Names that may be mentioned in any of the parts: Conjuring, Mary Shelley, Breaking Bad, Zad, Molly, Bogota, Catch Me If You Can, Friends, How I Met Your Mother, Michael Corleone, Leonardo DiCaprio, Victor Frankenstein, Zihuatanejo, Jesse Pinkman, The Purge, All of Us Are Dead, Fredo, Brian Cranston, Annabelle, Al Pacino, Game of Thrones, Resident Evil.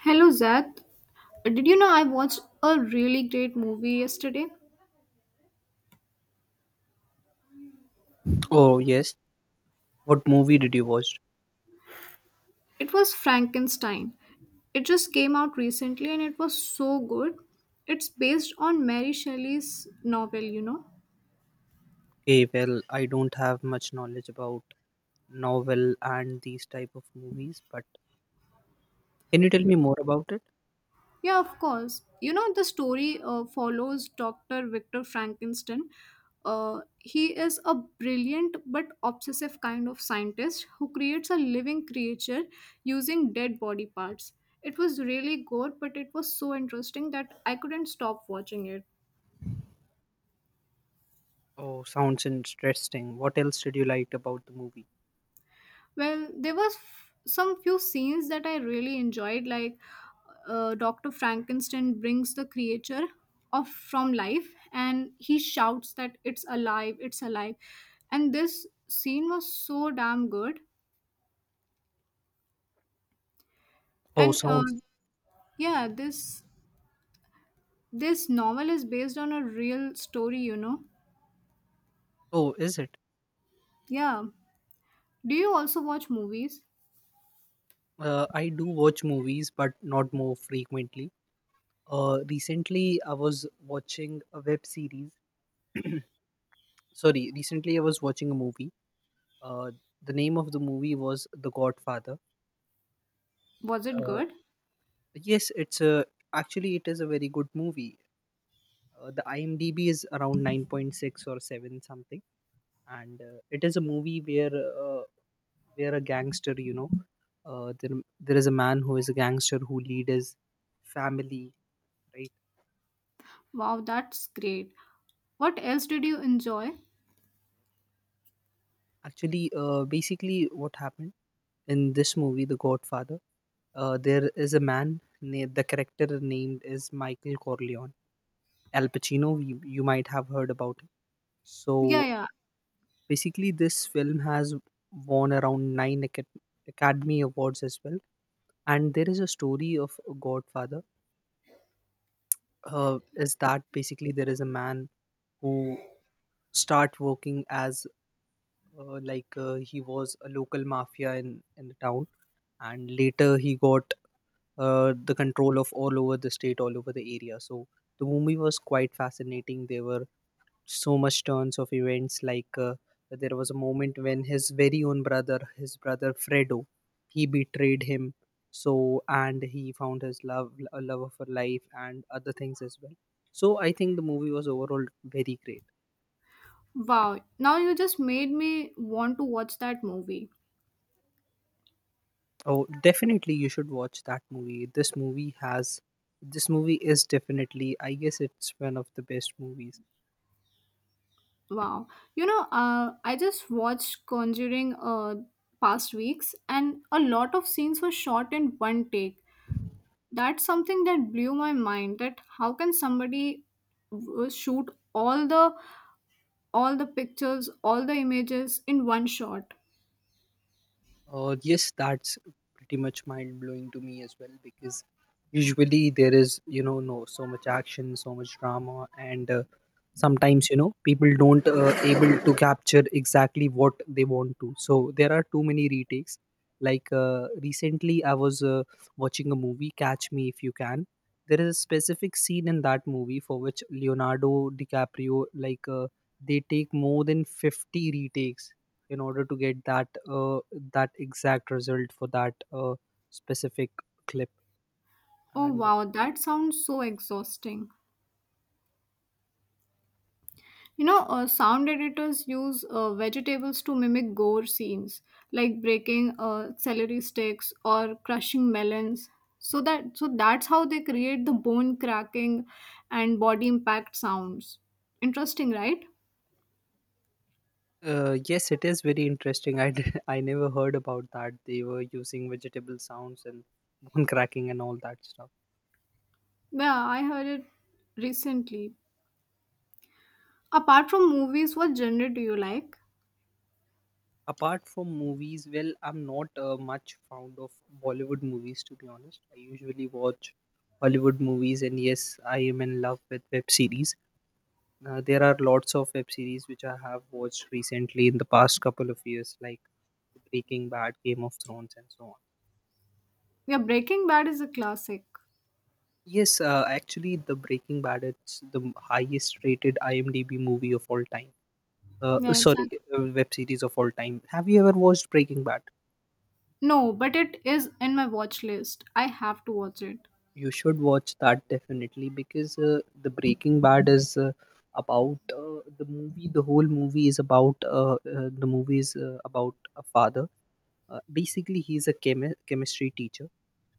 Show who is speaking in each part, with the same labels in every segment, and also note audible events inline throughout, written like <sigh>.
Speaker 1: Hello, Zad. Did you know I watched a really great movie yesterday?
Speaker 2: Oh, yes. What movie did you watch?
Speaker 1: It was Frankenstein. It just came out recently and it was so good. It's based on Mary Shelley's novel, you know.
Speaker 2: Okay, well, I don't have much knowledge about novel and these type of movies, but can you tell me more about it?
Speaker 1: Yeah, of course. The story follows Dr. Victor Frankenstein. He is a brilliant but obsessive kind of scientist who creates a living creature using dead body parts. It was really gore, but it was so interesting that I couldn't stop watching it.
Speaker 2: Oh, sounds interesting. What else did you like about the movie?
Speaker 1: Well, there was some few scenes that I really enjoyed, like Doctor Frankenstein brings the creature off from life, and he shouts that it's alive, and this scene was so damn good.
Speaker 2: Oh,
Speaker 1: And uh,
Speaker 2: sounds.
Speaker 1: yeah, this this novel is based on a real story, you know.
Speaker 2: Oh, is it?
Speaker 1: Yeah. Do you also watch movies?
Speaker 2: I do watch movies, but not more frequently. Recently I was watching a web series. Sorry, recently I was watching a movie. Uh, the name of the movie was The Godfather.
Speaker 1: Was it
Speaker 2: Uh,
Speaker 1: good?
Speaker 2: yes, it's a actually it is a very good movie. The IMDb is around 9.6 or 7 something, and it is a movie where a gangster, there is a man who is a gangster who lead his family, right?
Speaker 1: Wow, that's great. What else did you enjoy?
Speaker 2: Actually, basically, what happened in this movie, The Godfather, there is a man named, the character named is Michael Corleone. Al Pacino, you might have heard about him.
Speaker 1: Yeah,
Speaker 2: So
Speaker 1: yeah.
Speaker 2: basically, this film has won around 9 Academy Awards as well. And there is a story of a Godfather. Is that basically there is a man who start working as he was a local mafia in the town, and later he got the control of all over the state, all over the area. So the movie was quite fascinating. There were so much turns of events there was a moment when his brother Fredo he betrayed him, so and he found his love, a love of her life, and other things as well. So I think the movie was overall very great.
Speaker 1: Wow, now you just made me want to watch that movie.
Speaker 2: Oh, definitely you should watch that movie. This movie is definitely, I guess, it's one of the best movies.
Speaker 1: Wow. I just watched Conjuring past weeks and a lot of scenes were shot in one take. That's something that blew my mind that how can somebody shoot all the pictures, all the images in one shot?
Speaker 2: Yes, that's pretty much mind blowing to me as well because usually there is, you know, no so much action, so much drama, and sometimes you know people don't able to capture exactly what they want to. So there are too many retakes. Recently, I was watching a movie, Catch Me If You Can. There is a specific scene in that movie for which Leonardo DiCaprio, they take more than 50 retakes in order to get that that exact result for that specific clip.
Speaker 1: Oh
Speaker 2: And
Speaker 1: wow, that sounds so exhausting. Sound editors use vegetables to mimic gore scenes, like breaking celery sticks or crushing melons. So that's how they create the bone cracking and body impact sounds. Interesting, right?
Speaker 2: yes, it is very interesting. <laughs> I never heard about that. They were using vegetable sounds and bone <laughs> cracking and all that stuff.
Speaker 1: Yeah, I heard it recently. Apart from movies, what genre do you like?
Speaker 2: Apart from movies, well, I'm not much fond of Bollywood movies to be honest. I usually watch Hollywood movies, and yes, I am in love with web series. There are lots of web series which I have watched recently in the past couple of years, like the Breaking Bad, Game of Thrones, and so on.
Speaker 1: Yeah, Breaking Bad is a classic.
Speaker 2: Yes, actually, the Breaking Bad, it's the highest rated IMDb movie of all time.
Speaker 1: Yeah, it's
Speaker 2: Sorry,
Speaker 1: a-
Speaker 2: web series of all time. Have you ever watched Breaking Bad?
Speaker 1: no, but it is in my watch list. I have to watch it.
Speaker 2: You should watch that definitely because the Breaking Bad is about the movie. The whole movie is about the movie is about a father. Basically, he's a chemistry teacher,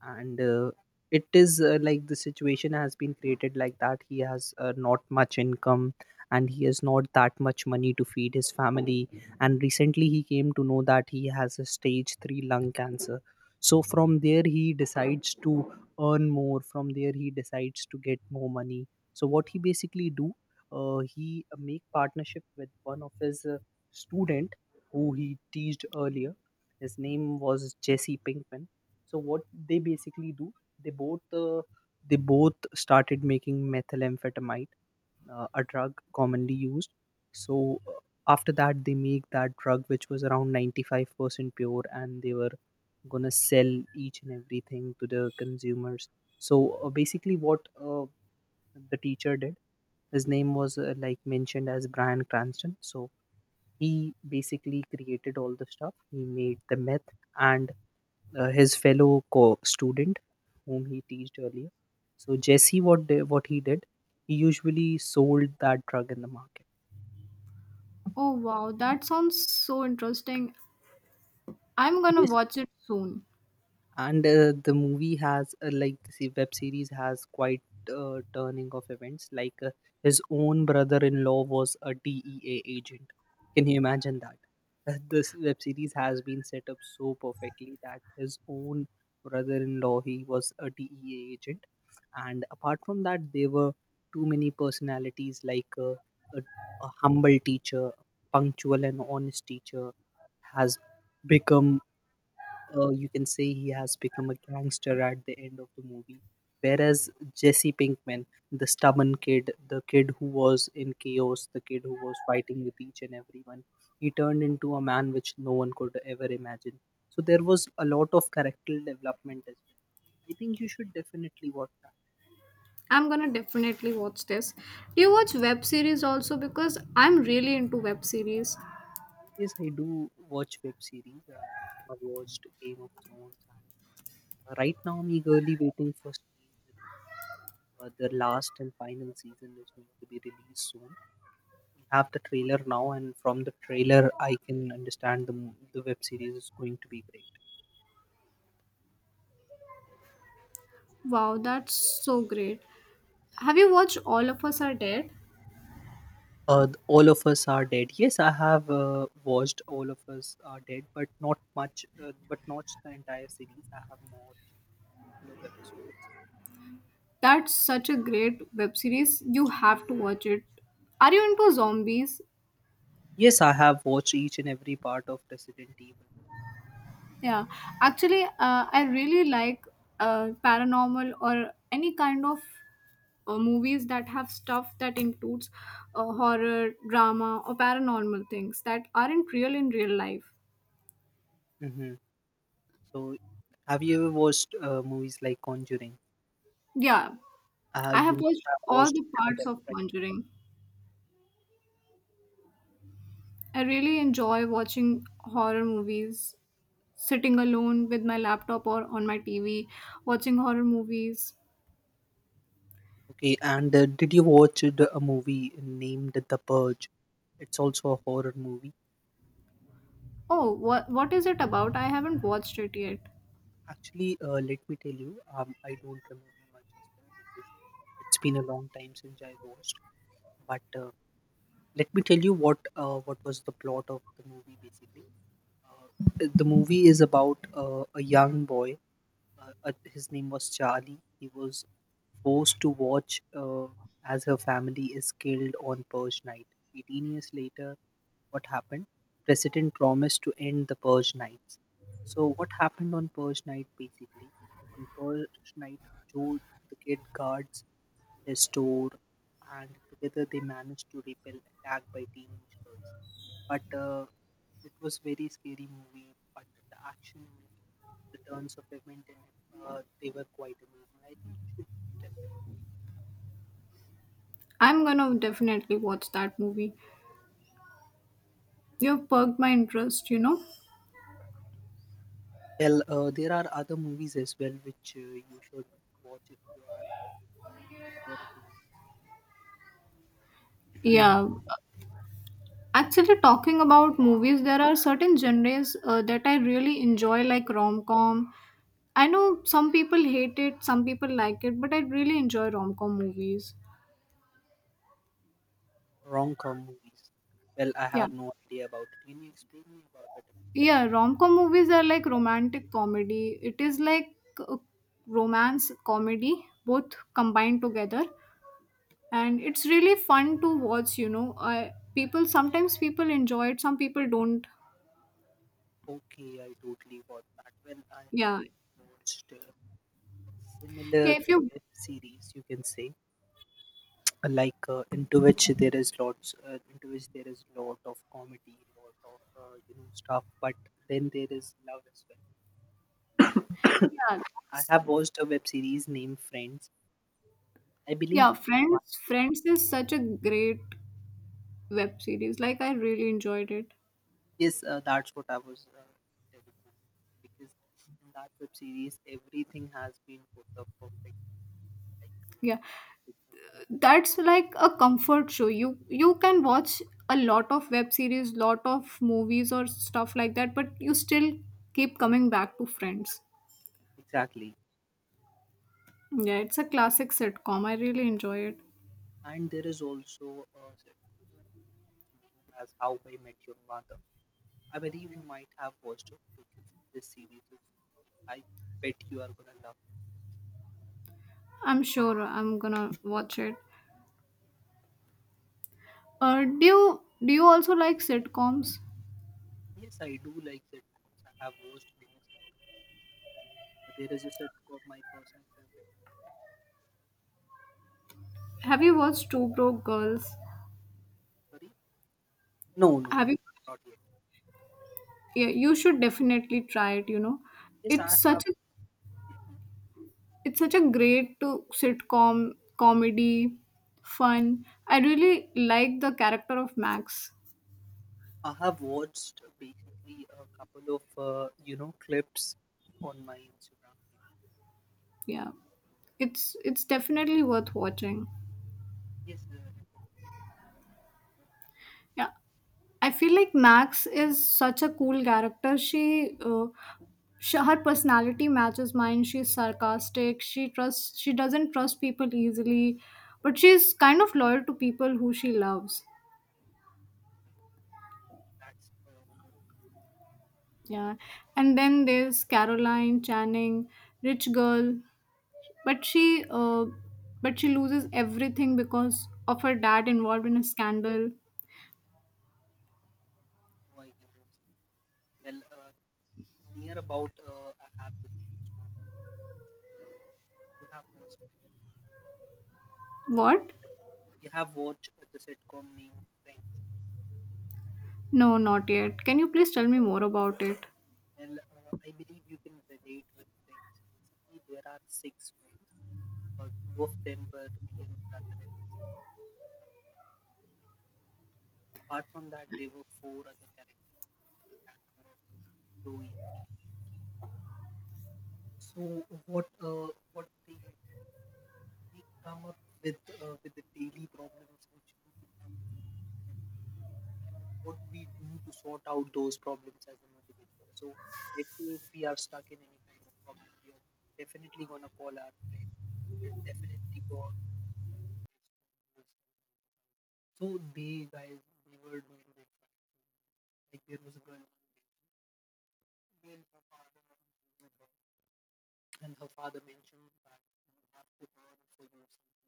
Speaker 2: and it is like the situation has been created like that, he has not much income, and he has not that much money to feed his family, and recently he came to know that he has a stage 3 lung cancer. So from there he decides to earn more. From there he decides to get more money. So what he basically do, he make partnership with one of his student who he teased earlier. His name was Jesse Pinkman. So what they basically do, they both uh, they both started making methamphetamine, a drug commonly used. So after that, they make that drug which was around 95% pure, and they were gonna sell each and everything to the consumers. So basically, what the teacher did, his name was like mentioned as Brian Cranston. So he basically created all the stuff. He made the meth, and his student whom he teased earlier. So Jesse, what he did, he usually sold that drug in the market.
Speaker 1: Oh wow, that sounds so interesting, I'm gonna
Speaker 2: Yes,
Speaker 1: watch it soon.
Speaker 2: and the web series has quite turning of events, his own brother-in-law was a DEA agent. Can you imagine that? This web series has been set up so perfectly that his own brother-in-law, he was a DEA agent. And apart from that, there were too many personalities, a, a humble teacher, punctual and honest teacher, has become, you can say, he has become a gangster at the end of the movie. Whereas Jesse Pinkman, the stubborn kid, the kid who was in chaos, the kid who was fighting with each and everyone, he turned into a man which no one could ever imagine. So there was a lot of character development as well. I think you should definitely watch that.
Speaker 1: I'm gonna definitely watch this. Do you watch web series also? Because I'm really into web series.
Speaker 2: Yes, I do watch web series. I watched Game of Thrones. And right now, I'm eagerly waiting for the last and final season is going to be released soon. Have the trailer now, and from the trailer, I can understand the the web series is going to be great.
Speaker 1: Wow, that's so great. Have you watched All of Us Are Dead?
Speaker 2: All of us are dead. Yes, I have watched All of Us Are Dead, but not much. But not the entire series. I have watched a couple of episodes.
Speaker 1: That's such a great web series. You have to watch it. Are you into zombies?
Speaker 2: Yes, I have watched each and every part of Resident Evil.
Speaker 1: Yeah, actually, I really like paranormal or any kind of movies that have stuff that includes horror, drama, or paranormal things that aren't real in real life.
Speaker 2: Hmm. So, have you ever watched movies like Conjuring?
Speaker 1: Yeah, I
Speaker 2: You
Speaker 1: have
Speaker 2: must
Speaker 1: watched
Speaker 2: have
Speaker 1: all
Speaker 2: watched
Speaker 1: the parts
Speaker 2: Annabelle,
Speaker 1: of
Speaker 2: right?
Speaker 1: Conjuring. I really enjoy watching horror movies, sitting alone with my laptop or on my TV, watching horror movies.
Speaker 2: Okay, and did you watch a movie named The Purge? It's also a horror movie.
Speaker 1: Oh, what is it about? I haven't watched it yet.
Speaker 2: Actually, let me tell you, I don't remember much of that because it's been a long time since I watched. But let me tell you what was the plot of the movie basically. Uh, the movie is about a young boy. His name was Charlie. He was forced to watch as her family is killed on Purge night. 18 years later, what happened? President promised to end the purge nights. So what happened on purge night basically? On purge night, Joe, the kid, guards his store, and together they managed to repel attack by teenage girls. But it was very scary movie. But the action in it, the turns of event in it, they were quite amazing. I think you should t-
Speaker 1: I'm gonna definitely watch that movie. You've perked my interest, you know?
Speaker 2: tell. There are other movies as well which you should watch if you are horror.
Speaker 1: Yeah.
Speaker 2: <clears throat>
Speaker 1: Actually, talking about movies, there are certain genres that I really enjoy, like rom com. I know some people hate it, some people like it, but I really enjoy rom com movies.
Speaker 2: Rom-com movies. Well, I
Speaker 1: Yeah.
Speaker 2: have no idea about it. Can you explain me about it?
Speaker 1: Yeah, rom com movies are like romantic comedy. It is like uh, romance comedy, both combined together. And it's really fun to watch, I people sometimes people enjoy it, some people don't.
Speaker 2: Okay, I totally got that. Well, I have
Speaker 1: Yeah.
Speaker 2: watched a
Speaker 1: yeah
Speaker 2: similar
Speaker 1: if you
Speaker 2: web series, you can say, into which there is lot of comedy, lot of you know stuff, but then there is love as well.
Speaker 1: Yeah,
Speaker 2: I
Speaker 1: that's,
Speaker 2: have watched a web series named Friends. I
Speaker 1: yeah,
Speaker 2: believe.
Speaker 1: Friends is such a great web series, like I really enjoyed it.
Speaker 2: Yes, that's what I was telling her. Because in that web series, everything has been put up perfectly. Like,
Speaker 1: Yeah,
Speaker 2: uh,
Speaker 1: that's like a comfort show, you can watch a lot of web series, lot of movies or stuff like that, but you still keep coming back to Friends.
Speaker 2: exactly.
Speaker 1: Yeah, it's a classic sitcom, I really enjoy it.
Speaker 2: And there is also a sitcom as How I Met Your Mother. I believe you might have watched it because this series is. I bet you are gonna love it.
Speaker 1: I'm sure I'm gonna watch it. Do you also like sitcoms?
Speaker 2: Yes, I do like sitcoms. I have watched many sitcoms. But there is a sitcom, my personal favorite.
Speaker 1: Have you watched Two Broke Girls?
Speaker 2: Sorry? No, no,
Speaker 1: Have you?
Speaker 2: no, not yet.
Speaker 1: Yeah, you should definitely try it. You know,
Speaker 2: Yes, I
Speaker 1: it's such
Speaker 2: have
Speaker 1: a it's such a great to sitcom comedy, fun. I really like the character of Max.
Speaker 2: I have watched basically a couple of you know clips on my Instagram.
Speaker 1: Yeah, it's definitely worth watching.
Speaker 2: Yes, uh,
Speaker 1: Yeah, I feel like Max is such a cool character. She her personality matches mine. She's sarcastic. She trusts. She doesn't trust people easily, but she's kind of loyal to people who she loves.
Speaker 2: that's
Speaker 1: Yeah, and then there's Caroline Channing, rich girl, but she loses everything because of her dad involved in a scandal.
Speaker 2: how I can tell. Near about, I have the same story. You have watched
Speaker 1: What?
Speaker 2: you have watched the sitcom named Friends.
Speaker 1: No, not yet. Can you please tell me more about it?
Speaker 2: Well, I believe you can relate with Friends. Basically, there are 6 friends. Two of them were real brother and sister. Apart from that, there were 4 other characters, and Chloe. So what they usually do, they come up with the daily problems which we have and what we do to sort out those problems as an individual. So let's say if we are stuck in any kind of problem, we are definitely gonna call our friend. We're definitely go out. So they guys, they were doing like that. Like there was a girl when her father mentioned that you have to earn for yourself.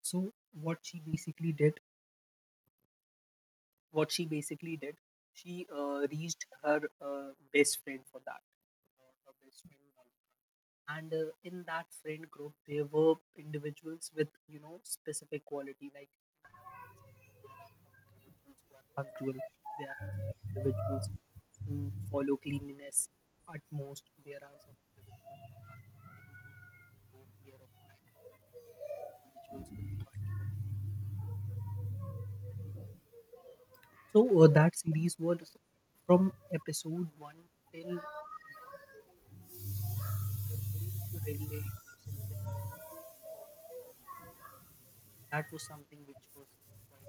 Speaker 2: So what she basically did what she basically did, she reached her best friend for that. Her best friend. Molly. And in that friend group, there were individuals with you know specific quality, like there are some individuals who are punctual, there are some individuals who follow cleanliness at most. There are some individuals who are very good, who take care of time, individuals who are much. So that series was from episode one till last. You're going to relate yourself to it. That was something which was quite.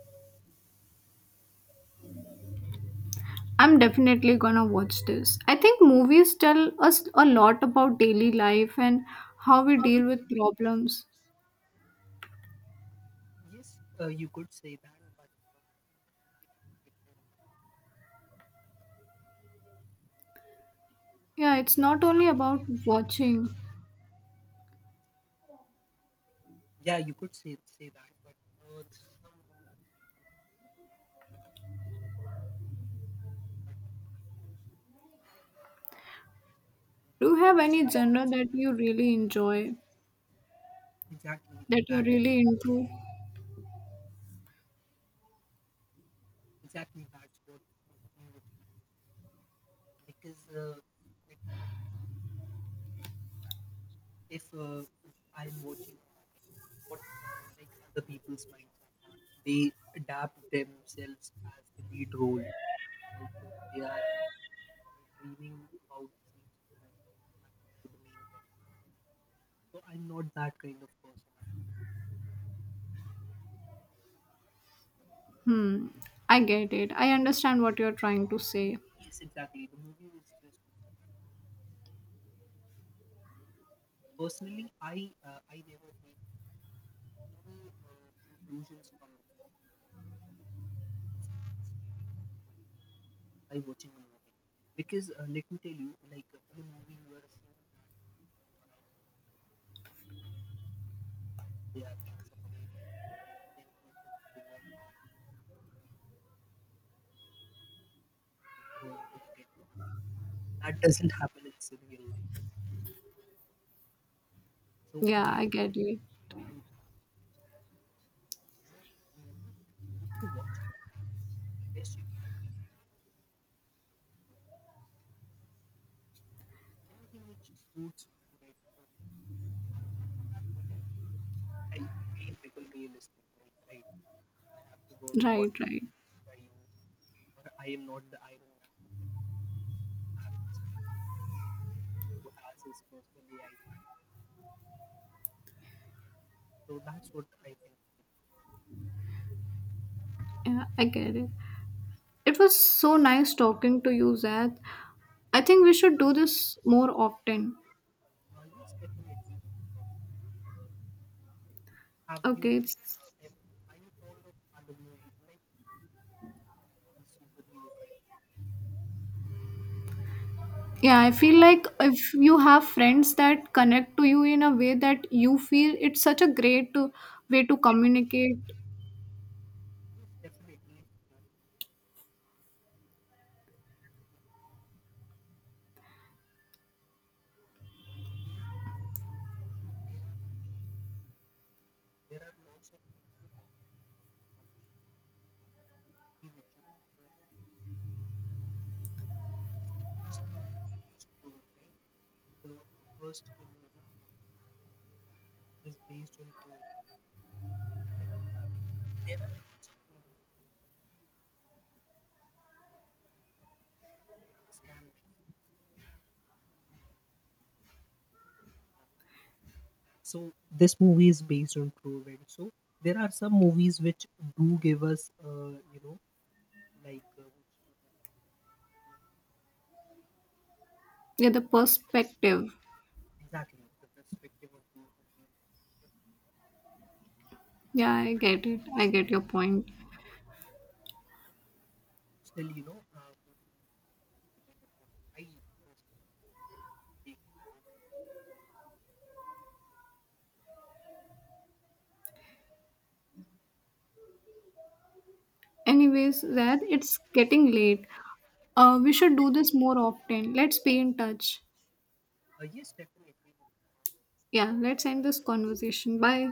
Speaker 1: I'm definitely gonna watch this. I think movies tell us a lot about daily life and how we deal with problems.
Speaker 2: Yes, you could say that, but
Speaker 1: Yeah, it's not only about watching.
Speaker 2: yeah, you could say that, but some moments.
Speaker 1: Do you have any genre that you really enjoy,
Speaker 2: Exactly
Speaker 1: that you're
Speaker 2: that.
Speaker 1: really into?
Speaker 2: Exactly that's what I'm watching because like, if I mean, if I'm watching what like other people's mindset are, they adapt themselves as the lead role. Like uh, they are dreaming about the same situation that happened to the main character. So I'm not that kind of person. After
Speaker 1: Hmm, I get it.
Speaker 2: watching,
Speaker 1: I understand what you're trying to say.
Speaker 2: yes, exactly. The movie is just good for that one. Personally, I never take any conclusions from the movie by watching a movie. Because let me tell you, in a movie, you are seeing that they are being separated, then he's going to work out, he's going to get the work. That doesn't happen in real life. So
Speaker 1: Yeah,
Speaker 2: that
Speaker 1: I get it.
Speaker 2: I, you know, the movie is good to watch. The best you can, anything which suits today. I feel people realistic, like right. I have to work what
Speaker 1: Right, right.
Speaker 2: I use. Or I am not the Iron Man who can have, who has his personal AI channel. So that's what I think.
Speaker 1: Yeah, I get it. It was so nice talking to you, Zad. I think we should do this more often.
Speaker 2: Now yes, definitely. Have you,
Speaker 1: Okay,
Speaker 2: like,
Speaker 1: it's.
Speaker 2: if, are you fond of other movies? Like are you fond of superhero kind
Speaker 1: Yeah, I feel like if you have friends that connect to you in a way that you feel, it's such a great way to
Speaker 2: of
Speaker 1: communicate.
Speaker 2: movies? Yes, definitely. It's a journey into career. Making your own choices for these are the good parents and social media. There are lots of people which are being sold from movie which you can show as true, right? The the first movie is based on true events. Scam Man is. So this movie is based on true events. So there are some movies which do give us, you know, like uh,
Speaker 1: Yeah, the perspective.
Speaker 2: exactly. The perspective of those moments
Speaker 1: Yeah, I get it. I get your point.
Speaker 2: still, you know, I personally,
Speaker 1: Anyways, Zad, it's getting late. We should do this more often. Let's be in touch.
Speaker 2: yes, definitely.
Speaker 1: Yeah, let's end this conversation. Bye.